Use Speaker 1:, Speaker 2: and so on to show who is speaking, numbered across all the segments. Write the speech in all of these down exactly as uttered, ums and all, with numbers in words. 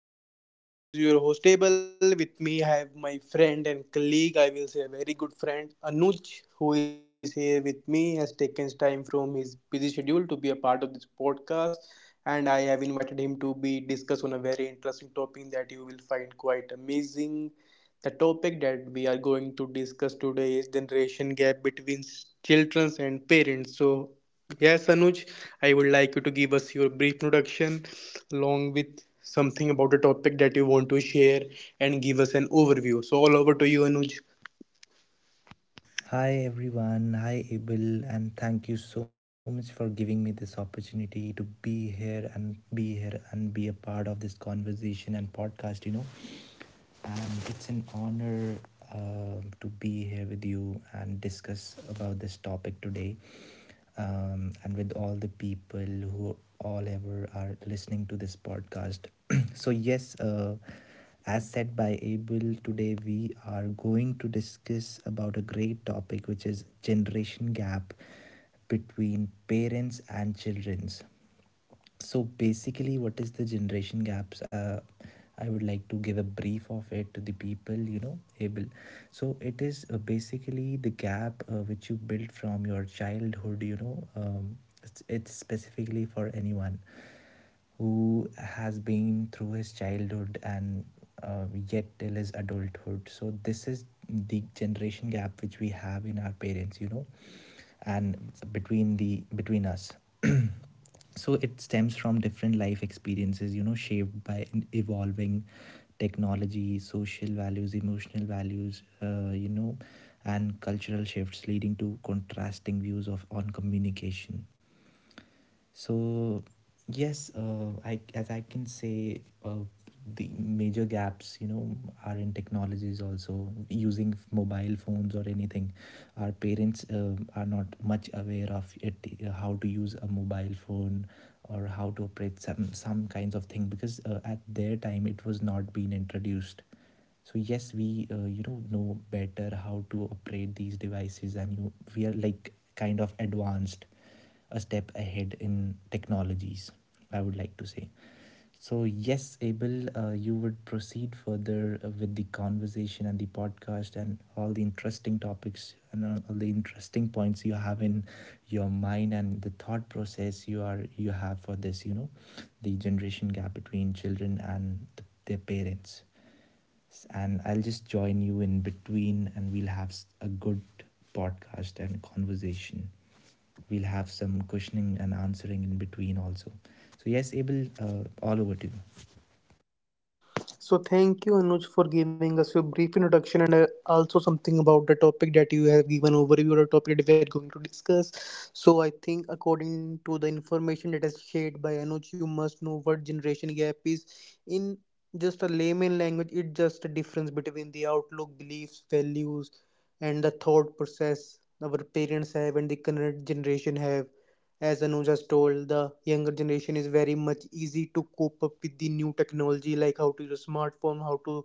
Speaker 1: series of podcasts. This is your host Abel. With me I have my friend and colleague, I will say a very good friend, Anuj, who is here with me, has taken time from his busy schedule to be a part of this podcast. And I have invited him to be discuss on a very interesting topic that you will find quite amazing. The topic that we are going to discuss today is generation gap between children and parents. So, yes, Anuj, I would like you to give us your brief introduction along with something about the topic that you want to share and give us an overview. So, all over to you, Anuj.
Speaker 2: Hi everyone, hi Abel, and thank you so much for giving me this opportunity to be here and be here and be a part of this conversation and podcast. You know, and it's an honor um, to be here with you and discuss about this topic today, um, and with all the people who all ever are listening to this podcast. so, yes, uh, as said by Abel, today we are going to discuss about a great topic which is generation gap between parents and children's. So basically, what is the generation gaps? uh, I would like to give a brief of it to the people, you know, able so it is, uh, basically the gap, uh, which you built from your childhood, you know. um, it's, it's specifically for anyone who has been through his childhood and, uh, yet till his adulthood. So this is the generation gap which we have in our parents, you know, and between the between us. So it stems from different life experiences, you know, shaped by an evolving technology, social values, emotional values, uh, you know, and cultural shifts leading to contrasting views of on communication. So yes, uh, I, as I can say, uh, the major gaps, you know, are in technologies also, using f- mobile phones or anything. Our parents, uh, are not much aware of it, uh, how to use a mobile phone or how to operate some some kinds of thing, because uh, at their time it was not being introduced. So yes, we, uh, you know know better how to operate these devices, and you we are like kind of advanced a step ahead in technologies, I would like to say. So, yes, Abel, uh, you would proceed further uh, with the conversation and the podcast and all the interesting topics and, uh, all the interesting points you have in your mind and the thought process you are you have for this. You know, the generation gap between children and th- their parents, and I'll just join you in between, and we'll have a good podcast and conversation. We'll have some questioning and answering in between also. So yes, Abel, uh, all over to you.
Speaker 1: So thank you, Anuj, for giving us your brief introduction and uh, also something about the topic that you have given overview of the topic that we are going to discuss. So I think according to the information that is shared by Anuj, you must know what generation gap is. In just a layman language, it's just a difference between the outlook, beliefs, values, and the thought process our parents have and the current generation have. As Anuj has told, the younger generation is very much easy to cope up with the new technology, like how to use a smartphone, how to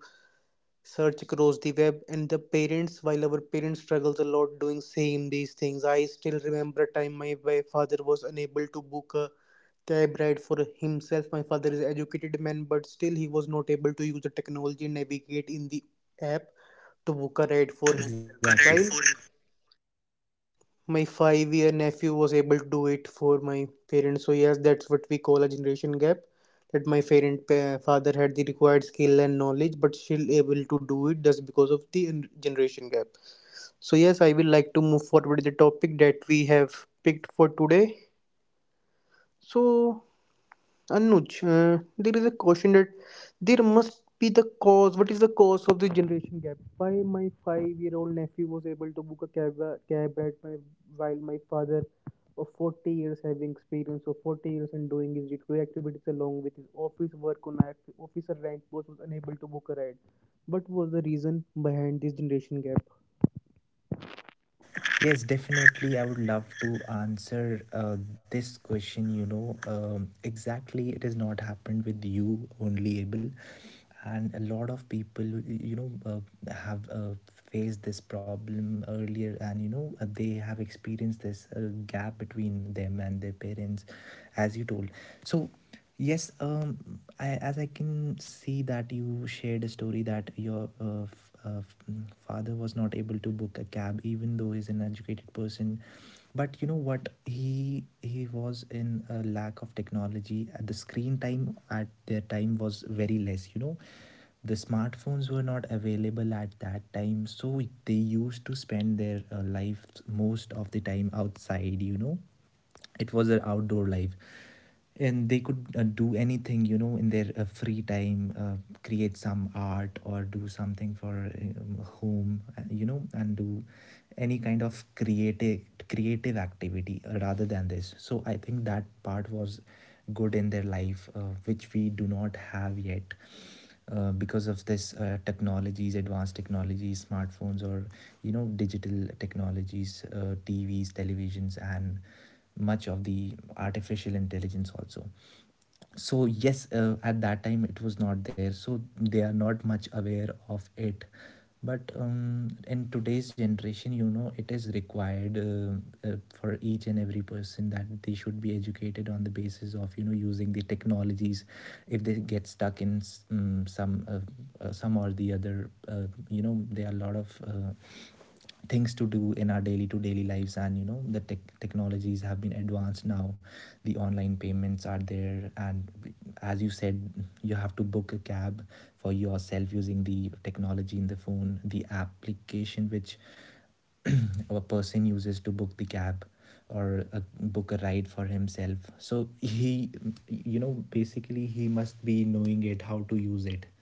Speaker 1: search across the web, and the parents. While our parents struggles a lot doing same these things, I still remember a time my, my father was unable to book a cab ride for himself. My father is an educated man, but still he was not able to use the technology and navigate in the app to book a ride for him.
Speaker 2: To
Speaker 1: While
Speaker 2: correct.
Speaker 1: my five year nephew was able to do it for my parents, so yes, that's what we call a generation gap, that my parent pa- father had the required skill and knowledge but still able to do it just because of the en- generation gap. So yes, I will like to move forward with the topic that we have picked for today. So Anuj, uh, there is a question that there must be the cause. What is the cause of the generation gap? Why my five-year-old nephew was able to book a cab, uh, cab at my, while my father of forty years, having experience of forty years and doing his day-to-day activities along with his office work on officer rank, was was unable to book a ride. What was the reason behind this generation gap?
Speaker 2: Yes, definitely. I would love to answer uh, this question. You know, um, exactly, it has not happened with you only, Abel. And a lot of people, you know, uh, have, uh, faced this problem earlier, and you know, uh, they have experienced this, uh, gap between them and their parents, as you told. So yes, um, I, as I can see that you shared a story that your uh, f- uh, f- mm, father was not able to book a cab, even though he's an educated person. But you know what? He he was in a lack of technology. Uh, The screen time at their time was very less. You know, the smartphones were not available at that time, so they used to spend their, uh, life most of the time outside. You know, it was an outdoor life, and they could, uh, do anything, you know, in their, uh, free time, uh, create some art or do something for, um, home, uh, you know, and do any kind of creative creative activity, uh, rather than this. So I think that part was good in their life, uh, which we do not have yet, uh, because of this, uh, technologies advanced technologies, smartphones, or you know, digital technologies, uh, tvs televisions, and much of the artificial intelligence also. So yes, uh, at that time it was not there, so they are not much aware of it. But um, in today's generation, you know, it is required uh, uh, for each and every person that they should be educated on the basis of, you know, using the technologies. If they get stuck in, um, some uh, uh, some or the other, uh, you know, there are a lot of, uh, things to do in our daily to daily lives, and you know, the tech technologies have been advanced now. The online payments are there, and as you said, you have to book a cab for yourself using the technology in the phone, the application which, a person uses to book the cab, or a, book a ride for himself. So he, you know, basically, he must be knowing it, how to use it,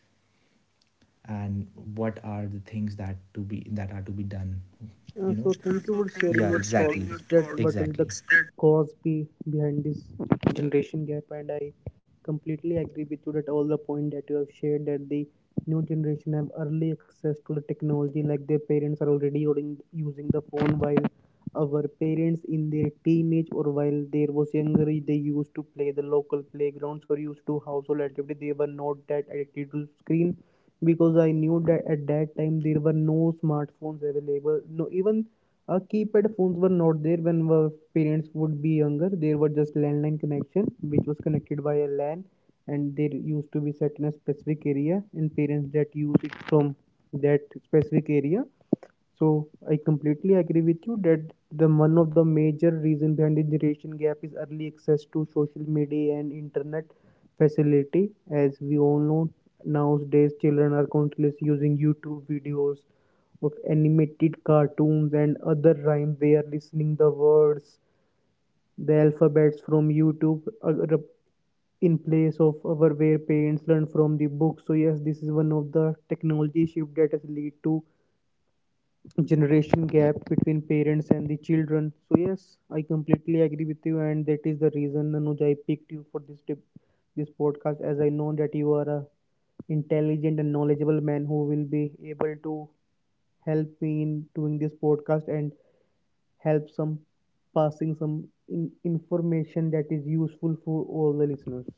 Speaker 2: and what are the things that to be that are to be done,
Speaker 1: Uh,
Speaker 2: you
Speaker 1: so
Speaker 2: know.
Speaker 1: thank
Speaker 2: Yeah,
Speaker 1: you for
Speaker 2: so thank you,
Speaker 1: sharing
Speaker 2: yeah, for
Speaker 1: your
Speaker 2: sharing exactly
Speaker 1: thoughts
Speaker 2: your
Speaker 1: that
Speaker 2: thoughts.
Speaker 1: what is the
Speaker 2: Exactly. That.
Speaker 1: cause be behind this generation gap, and I completely agree with you that all the point that you have shared, that the new generation have early access to the technology, like their parents are already using using the phone, while our parents in their teenage or while they was younger they used to play the local playgrounds or used to household activity. They were not that addicted to screen because I knew that at that time there were no smartphones available. No, even uh, keypad phones were not there when our parents would be younger. There were just landline connection, which was connected by a LAN, and there used to be set in a specific area, and parents that use it from that specific area. So I completely agree with you that the one of the major reason behind the generation gap is early access to social media and internet facility. As we all know, nowadays, children are continuously using YouTube videos of animated cartoons and other rhymes. They are listening the words, the alphabets from YouTube, uh, in place of our, where parents learn from the book. So yes, this is one of the technology shift that has lead to generation gap between parents and the children. So yes, I completely agree with you, and that is the reason, Anuj, I picked you for this tip this podcast, as I know that you are a intelligent and knowledgeable man who will be able to help me in doing this podcast and help some passing some in- information that is useful for all the listeners.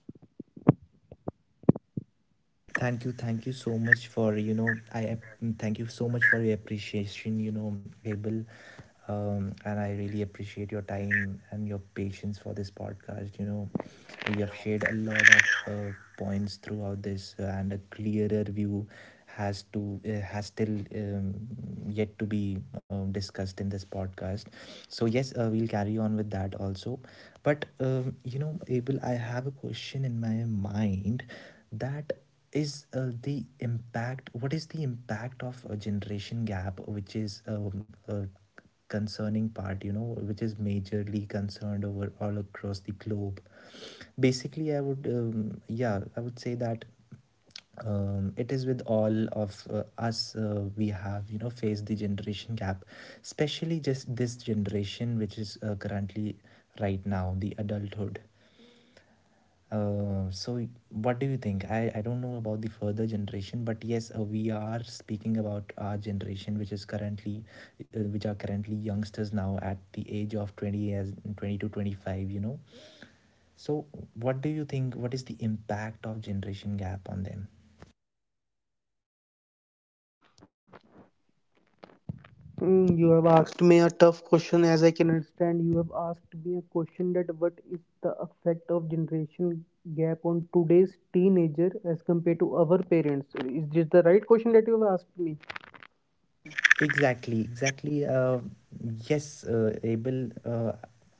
Speaker 2: Thank you, thank you so much for, you know, I ap- thank you so much for your appreciation. You know, Abel, um, and I really appreciate your time and your patience for this podcast. You know, you have shared a lot of, uh, points throughout this, uh, and a clearer view has to uh, has still, um, yet to be um, discussed in this podcast. So yes, uh, we'll carry on with that also. But um, you know, Abel, I have a question in my mind, that is, uh, the impact what is the impact of a generation gap, which is, um, a concerning part, you know, which is majorly concerned over all across the globe. Basically, I would, um, yeah I would say that, um, it is with all of, uh, us. Uh, we have, you know, faced the generation gap, especially just this generation, which is, uh, currently right now the adulthood. Uh, so what do you think? I, I don't know about the further generation, but yes, uh, we are speaking about our generation, which is currently, uh, which are currently youngsters now at the age of twenty as twenty to twenty-five, you know. So what do you think? What is the impact of generation gap on them?
Speaker 1: Mm, You have asked me a tough question, as I can understand. You have asked me a question that what is the effect of generation gap on today's teenager as compared to our parents? Is this the right question that you have asked me?
Speaker 2: Exactly, exactly. Uh, yes, uh, Abel, uh,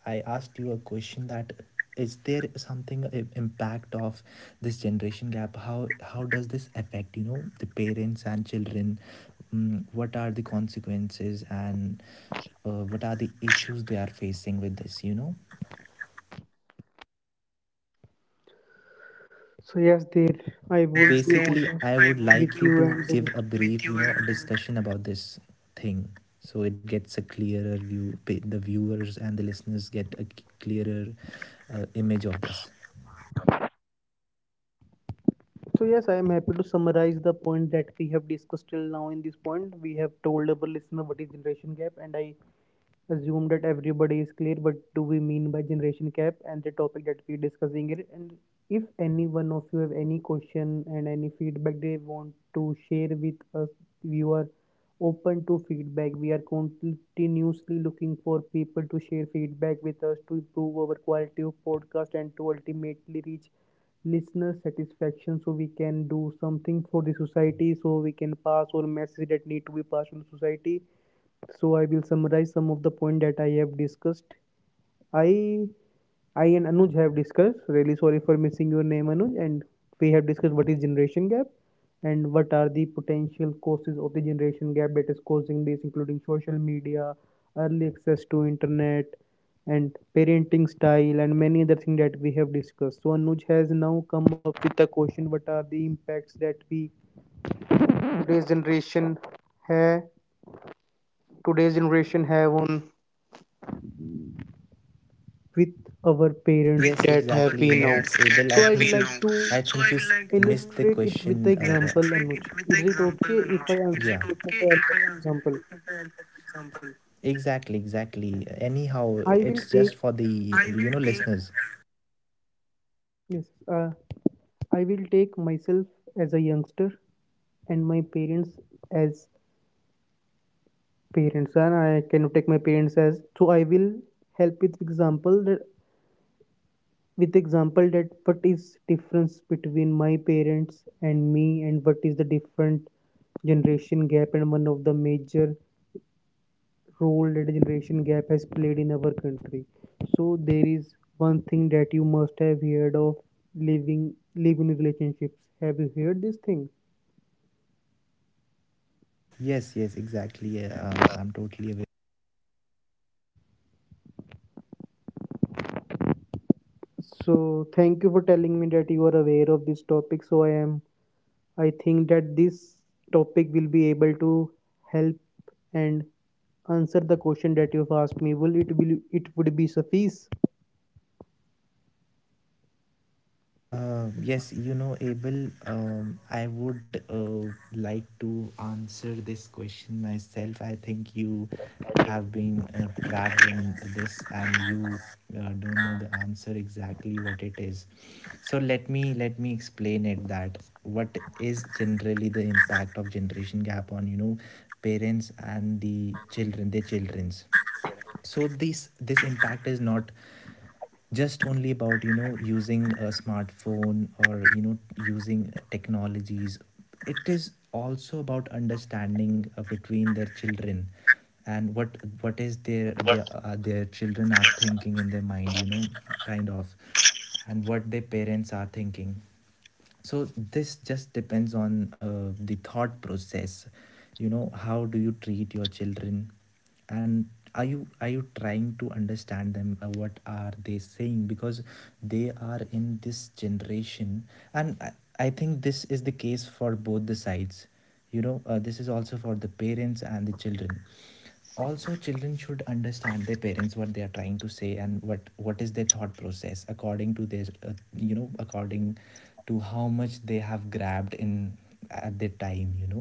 Speaker 2: I asked you a question, that is there something, uh, impact of this generation gap? How how does this affect, you know, the parents and children? Mm, what are the consequences and, uh, what are the issues they are facing with this, you know?
Speaker 1: So yes, there I
Speaker 2: So
Speaker 1: would be
Speaker 2: basically,
Speaker 1: honest
Speaker 2: I would like
Speaker 1: with
Speaker 2: you
Speaker 1: you,
Speaker 2: to
Speaker 1: and
Speaker 2: give
Speaker 1: uh,
Speaker 2: a brief, you know, discussion about this thing, so it gets a clearer view. pa- The viewers and the listeners get a c- clearer, uh, image of this.
Speaker 1: so yes, I am happy to summarize the point that we have discussed till now. In this point, we have told our listener what is generation gap, and I assume that everybody is clear what do we mean by generation gap and the topic that we're discussing here. And if any one of you have any question and any feedback they want to share with us, we are open to feedback. We are continuously looking for people to share feedback with us to improve our quality of podcast and to ultimately reach listener satisfaction, so we can do something for the society, so we can pass on message that need to be passed on the society. So I will summarize some of the point that I have discussed. I I and Anuj have discussed. Really sorry for missing your name, Anuj. And we have discussed what is generation gap and what are the potential causes of the generation gap that is causing this, including social media, early access to internet, and parenting style, and many other things that we have discussed. So Anuj has now come up with the question: what are the impacts that we today's generation have today's generation have on with our parents
Speaker 2: Yes,
Speaker 1: that have
Speaker 2: exactly.
Speaker 1: we
Speaker 2: You know,
Speaker 1: now.
Speaker 2: Abel, I
Speaker 1: So I will
Speaker 2: think you,
Speaker 1: like to
Speaker 2: I So think I you s- like missed the
Speaker 1: illustrate it with the
Speaker 2: question. Uh,
Speaker 1: example, Anuj. Is it okay if I answer
Speaker 2: yeah.
Speaker 1: it with the question by help of
Speaker 2: Okay.
Speaker 1: example?
Speaker 2: Exactly, exactly. Anyhow,
Speaker 1: I will
Speaker 2: it's just
Speaker 1: take
Speaker 2: for the, you know, listeners.
Speaker 1: Yes. Uh, I will take myself as a youngster and my parents as parents, and I cannot take my parents as, so I will help with example that with example that what is difference between my parents and me and what is the different generation gap, and one of the major role that generation gap has played in our country. So there is one thing that you must have heard of, living living relationships. Have you heard this thing?
Speaker 2: Yes, yes, exactly, yeah. Um, I'm totally aware of it.
Speaker 1: So thank you for telling me that you are aware of this topic. So I, am I think that this topic will be able to help and answer the question that you've asked me. Will it will it would be suffice?
Speaker 2: Uh, yes, you know, Abel, um, I would, uh, like to answer this question myself. I think you have been, uh, trapped in this and you, uh, don't know the answer exactly what it is. So let me let me explain it, that what is generally the impact of generation gap on, you know, parents and the children, their children's. So this this impact is not just only about, you know, using a smartphone or, you know, using technologies. It is also about understanding, uh, between their children and what what is their their uh, their children are thinking in their mind, you know, kind of, and what their parents are thinking. So this just depends on, uh, the thought process, you know, how do you treat your children, and are you are you trying to understand them, uh, what are they saying, because they are in this generation. And I, I think this is the case for both the sides, you know, uh, this is also for the parents and the children. Also, children should understand their parents, what they are trying to say, and what what is their thought process, according to their, uh, you know, according to how much they have grabbed in at their time, you know.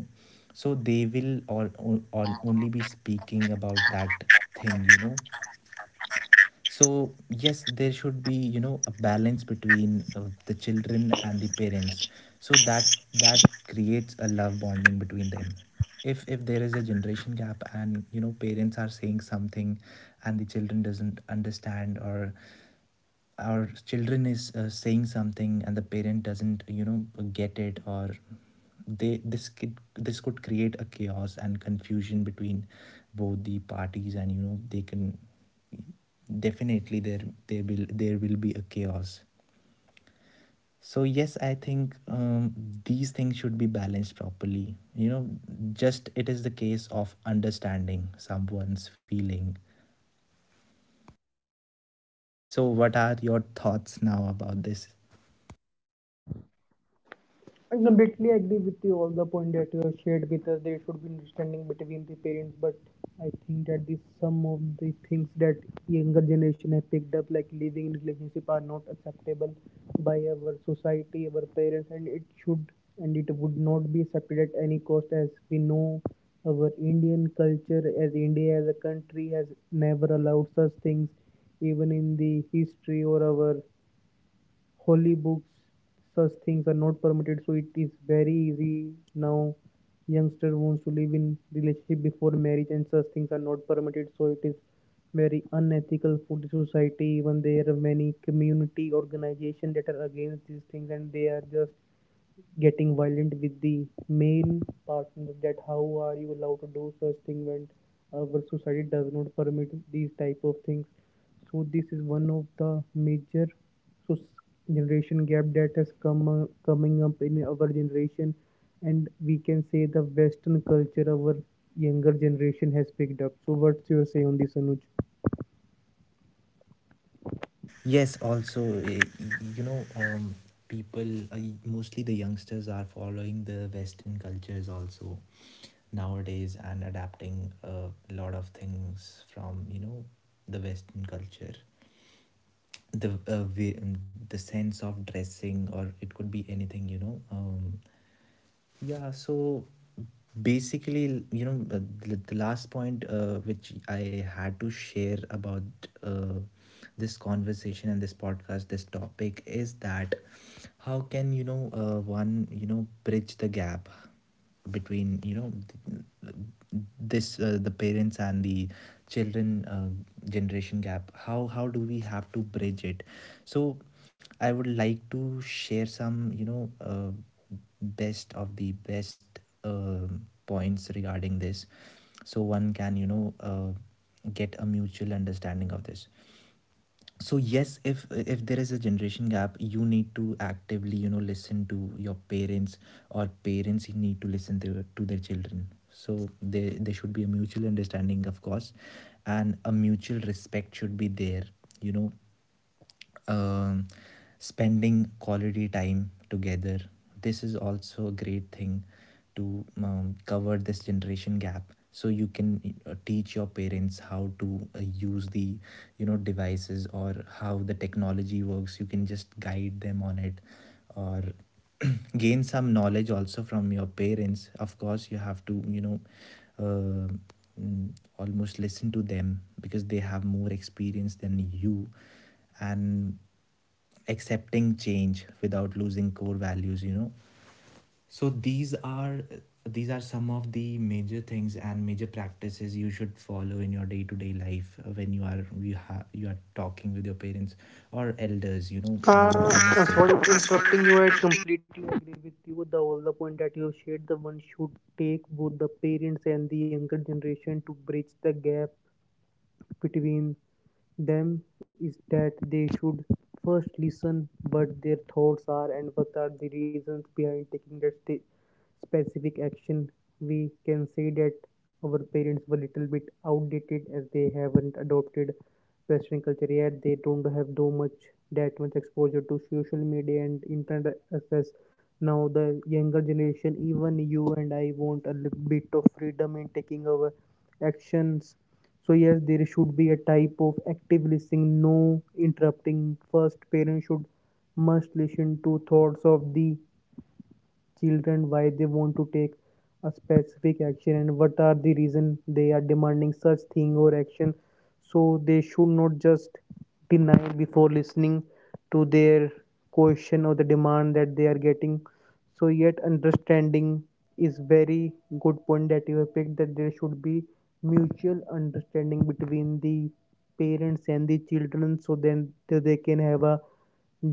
Speaker 2: So they will all, all, all only be speaking about that thing, you know. So yes, there should be, you know, a balance between, uh, the children and the parents, so that that creates a love bonding between them. If if there is a generation gap and, you know, parents are saying something and the children doesn't understand, or our children is, uh, saying something and the parent doesn't, you know, get it, or they, this could this could create a chaos and confusion between both the parties, and you know, they can, definitely there there will there will be a chaos. So yes, I think, um, these things should be balanced properly, you know. Just it is the case of understanding someone's feeling. So what are your thoughts now about this?
Speaker 1: I completely agree with you all the point that you have shared with us. There should be understanding between the parents, but I think that the some of the things that younger generation have picked up, like living in relationship, are not acceptable by our society, our parents, and it should and it would not be accepted at any cost. As we know, our Indian culture, as India as a country, has never allowed such things. Even in the history or our holy books such things are not permitted. So it is very easy now, youngster wants to live in relationship before marriage, and such things are not permitted, so it is very unethical for the society. Even there are many community organizations that are against these things, and they are just getting violent with the male partner, that how are you allowed to do such thing when our society does not permit these type of things. So this is one of the major soc- generation gap that has come uh, coming up in our generation, and we can say the western culture our younger generation has picked up. So what's your say on this, Anuj?
Speaker 2: Yes, also, eh, you know, um, people, uh, mostly the youngsters are following the western cultures also nowadays, and adapting, uh, a lot of things from, you know, the western culture, the, uh, way, the sense of dressing, or it could be anything, you know. Um, yeah, so basically, you know, the, the the last point uh, which I had to share about uh, this conversation and this podcast, this topic is that how can, you know, uh, one, you know, bridge the gap between, you know, th- this uh, the parents and the children uh, generation gap. How how do we have to bridge it? So I would like to share some you know uh, best of the best um points regarding this, so one can you know uh, get a mutual understanding of this. So yes, if if there is a generation gap, you need to actively, you know, listen to your parents, or parents need to listen to, to their children. So there there should be a mutual understanding, of course, and a mutual respect should be there, you know. um, Spending quality time together, this is also a great thing to, um, cover this generation gap. So you can uh, teach your parents how to uh, use the, you know, devices, or how the technology works. You can just guide them on it, or gain some knowledge also from your parents. Of course, you have to, you know, uh, almost listen to them because they have more experience than you. And accepting change without losing core values, you know. So these are, these are some of the major things and major practices you should follow in your day-to-day life uh, when you are you have you are talking with your parents or elders, you know. You, you
Speaker 1: Uh, uh,
Speaker 2: must say
Speaker 1: sorry for
Speaker 2: Uh, sorry
Speaker 1: interrupting you.
Speaker 2: for
Speaker 1: I
Speaker 2: interrupting.
Speaker 1: completely agree with you. The all the point that you shared, the one should take both the parents and the younger generation to bridge the gap between them is that they should first listen what their thoughts are and what are the reasons behind taking that sti- specific action. We can say that our parents were little bit outdated, as they haven't adopted Western culture yet. They don't have too much that much exposure to social media and internet access. Now the younger generation, even you and I, want a little bit of freedom in taking our actions. So yes, there should be a type of active listening, no interrupting. First, parents should must listen to thoughts of the children, why they want to take a specific action and what are the reason they are demanding such thing or action. So they should not just deny before listening to their question or the demand that they are getting. So yet, understanding is very good point that you have picked, that there should be mutual understanding between the parents and the children, so then so they can have a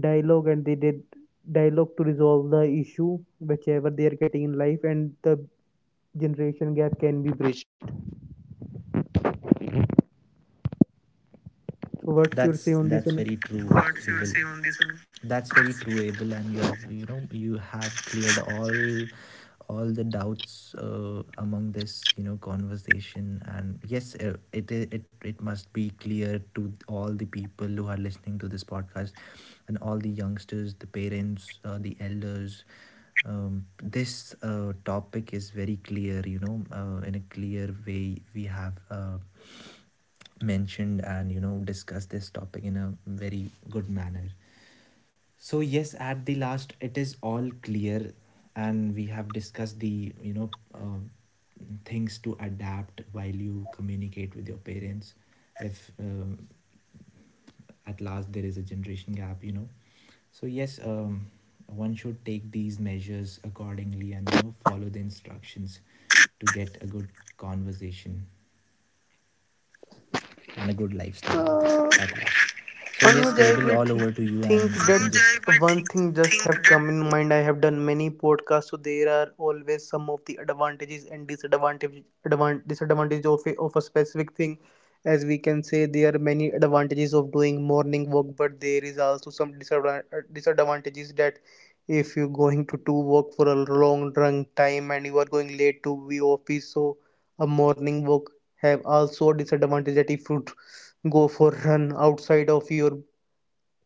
Speaker 1: dialogue, and they did dialogue to resolve the issue whichever they are getting in life, and the generation gap can be bridged. So what's your say on
Speaker 2: That's
Speaker 1: this, Anu?
Speaker 2: that's very true. What's your say, Abel, on this? Anu? That's very true, Abel, and you have, you know, you have cleared all all the doubts uh, among this, you know, conversation. And yes, uh, it i- it it must be clear to all the people who are listening to this podcast, and all the youngsters, the parents, uh, the elders. Um, this uh, topic is very clear. You know, uh, in a clear way, we have. Uh, mentioned and, you know, discussed this topic in a very good manner. So yes, at the last, it is all clear, and we have discussed the, you know, uh, things to adapt while you communicate with your parents, if, um, at last, there is a generation gap, you know. So yes, um, one should take these measures accordingly and, you know, follow the instructions to get a good conversation and a good lifestyle
Speaker 1: Uh,
Speaker 2: at last. So yes,
Speaker 1: Anuj, I
Speaker 2: Abel,
Speaker 1: will
Speaker 2: all
Speaker 1: think,
Speaker 2: over to you, and
Speaker 1: think
Speaker 2: you can Anuj,
Speaker 1: that
Speaker 2: just Anuj, I will think,
Speaker 1: one thing just
Speaker 2: think
Speaker 1: have
Speaker 2: that
Speaker 1: come in mind. I have done many podcasts, so there are always some of the advantages and disadvantages advan- disadvantages of a, of a specific thing. As we can say, there are many advantages of doing morning walk, but there is also some disadvan- uh, disadvantages that if you're going to do work for a long long time and you are going late to the office, so a morning walk have also a disadvantage that if you go for run outside of your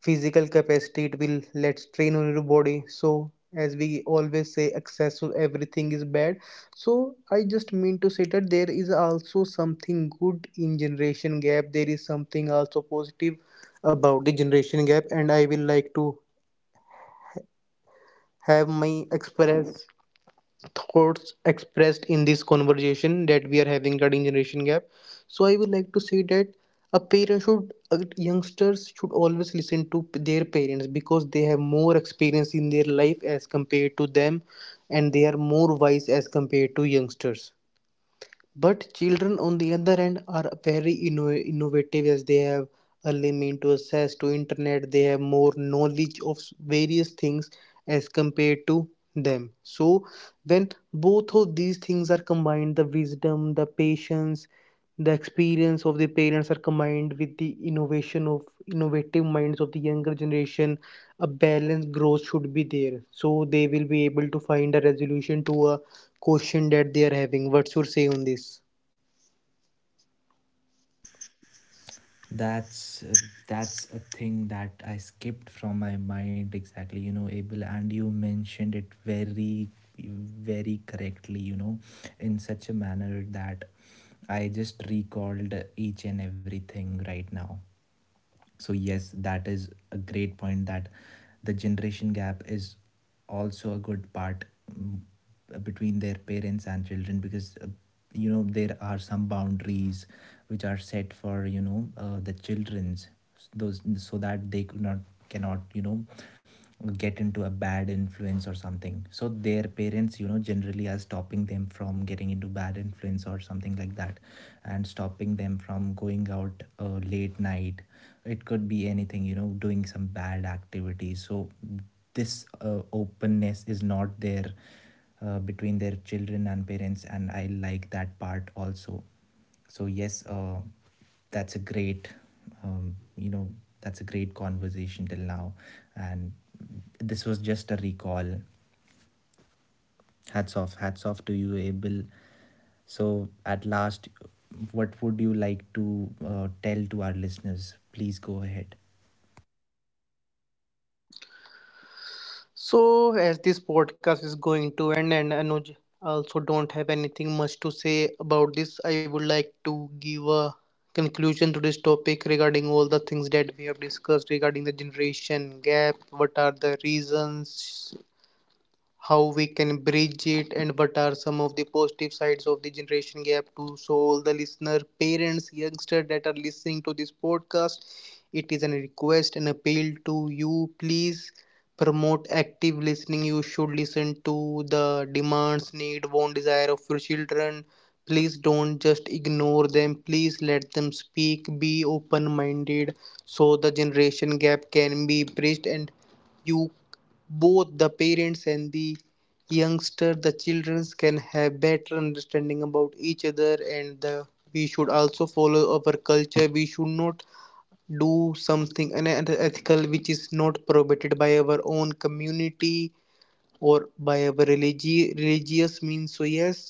Speaker 1: physical capacity, it will let strain on your body. So as we always say, excess of everything is bad. So I just mean to say that there is also something good in generation gap, there is something also positive about the generation gap, and I will like to have my express thoughts expressed in this conversation that we are having regarding generation gap. So I would like to say that a parent should, uh, youngsters should always listen to p- their parents because they have more experience in their life as compared to them, and they are more wise as compared to youngsters. But children, on the other hand, are very inno- innovative as they have early mean to access to internet. They have more knowledge of s- various things as compared to them. So when both of these things are combined, the wisdom, the patience, the experience of the parents are combined with the innovation of innovative minds of the younger generation, a balanced growth should be there. So they will be able to find a resolution to a question that they are having. What's your say on this?
Speaker 2: that's uh, that's a thing that I skipped from my mind exactly. You know, Abel, and you mentioned it very, very correctly. You know, in such a manner that I just recalled each and everything right now. So yes, that is a great point that the generation gap is also a good part. mm, Between their parents and children, because uh, you know, there are some boundaries which are set for, you know, uh, the children's those, so that they could not cannot you know, get into a bad influence or something. So their parents, you know, generally are stopping them from getting into bad influence or something like that, and stopping them from going out uh, late night. It could be anything, you know, doing some bad activities. So this uh, openness is not there uh, between their children and parents, and I like that part also. So yes, uh, that's a great, um, you know, that's a great conversation till now, and this was just a recall. Hats off, hats off to you, Abel. So at last, what would you like to uh, tell to our listeners? Please go ahead.
Speaker 1: So, as this podcast is going to end, and Anuj also don't have anything much to say about this, I would like to give a conclusion to this topic regarding all the things that we have discussed regarding the generation gap. What are the reasons? How we can bridge it and what are some of the positive sides of the generation gap too? So all the listener parents, youngsters that are listening to this podcast, it is a request and appeal to you, please promote active listening. You should listen to the demands, need, want, desire of your children. Please don't just ignore them. Please let them speak, be open minded, so the generation gap can be bridged, and you both the parents and the youngster, the children can have better understanding about each other. And the we should also follow our culture. We should not do something unethical which is not prohibited by our own community or by our religi- religious means. So yes,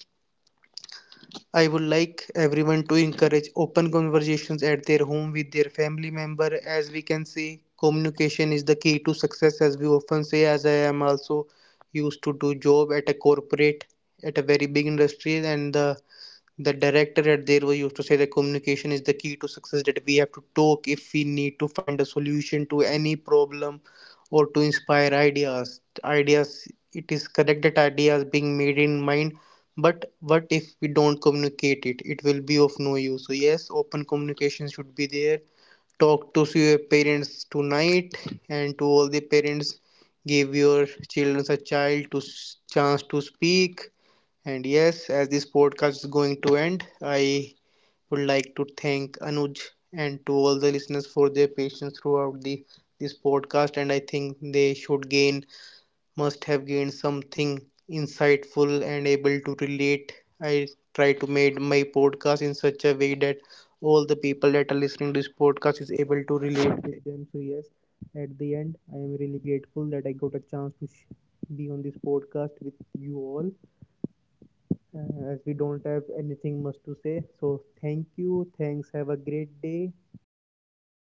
Speaker 1: I would like everyone to encourage open conversations at their home with their family member. As we can say, communication is the key to success, as we often say, as I am also used to do job at a corporate, at a very big industry, and the the director at there was used to say that communication is the key to success, that we have to talk if we need to find a solution to any problem or to inspire ideas ideas It is correct that ideas being made in mind, but what if we don't communicate it, it will be of no use. So yes, open communication should be there. Talk to your parents tonight. And to all the parents, give your children a child to s- chance to speak. And yes, as this podcast is going to end, I would like to thank Anuj and to all the listeners for their patience throughout the this podcast. And I think they should gain, must have gained something insightful and able to relate. I try to make my podcast in such a way that all the people that are listening to this podcast is able to relate with them. So yes, at the end, I am really grateful that I got a chance to sh- be on this podcast with you all. Uh, as we don't have anything much to say, so thank you. Thanks. Have a great day. Bye bye.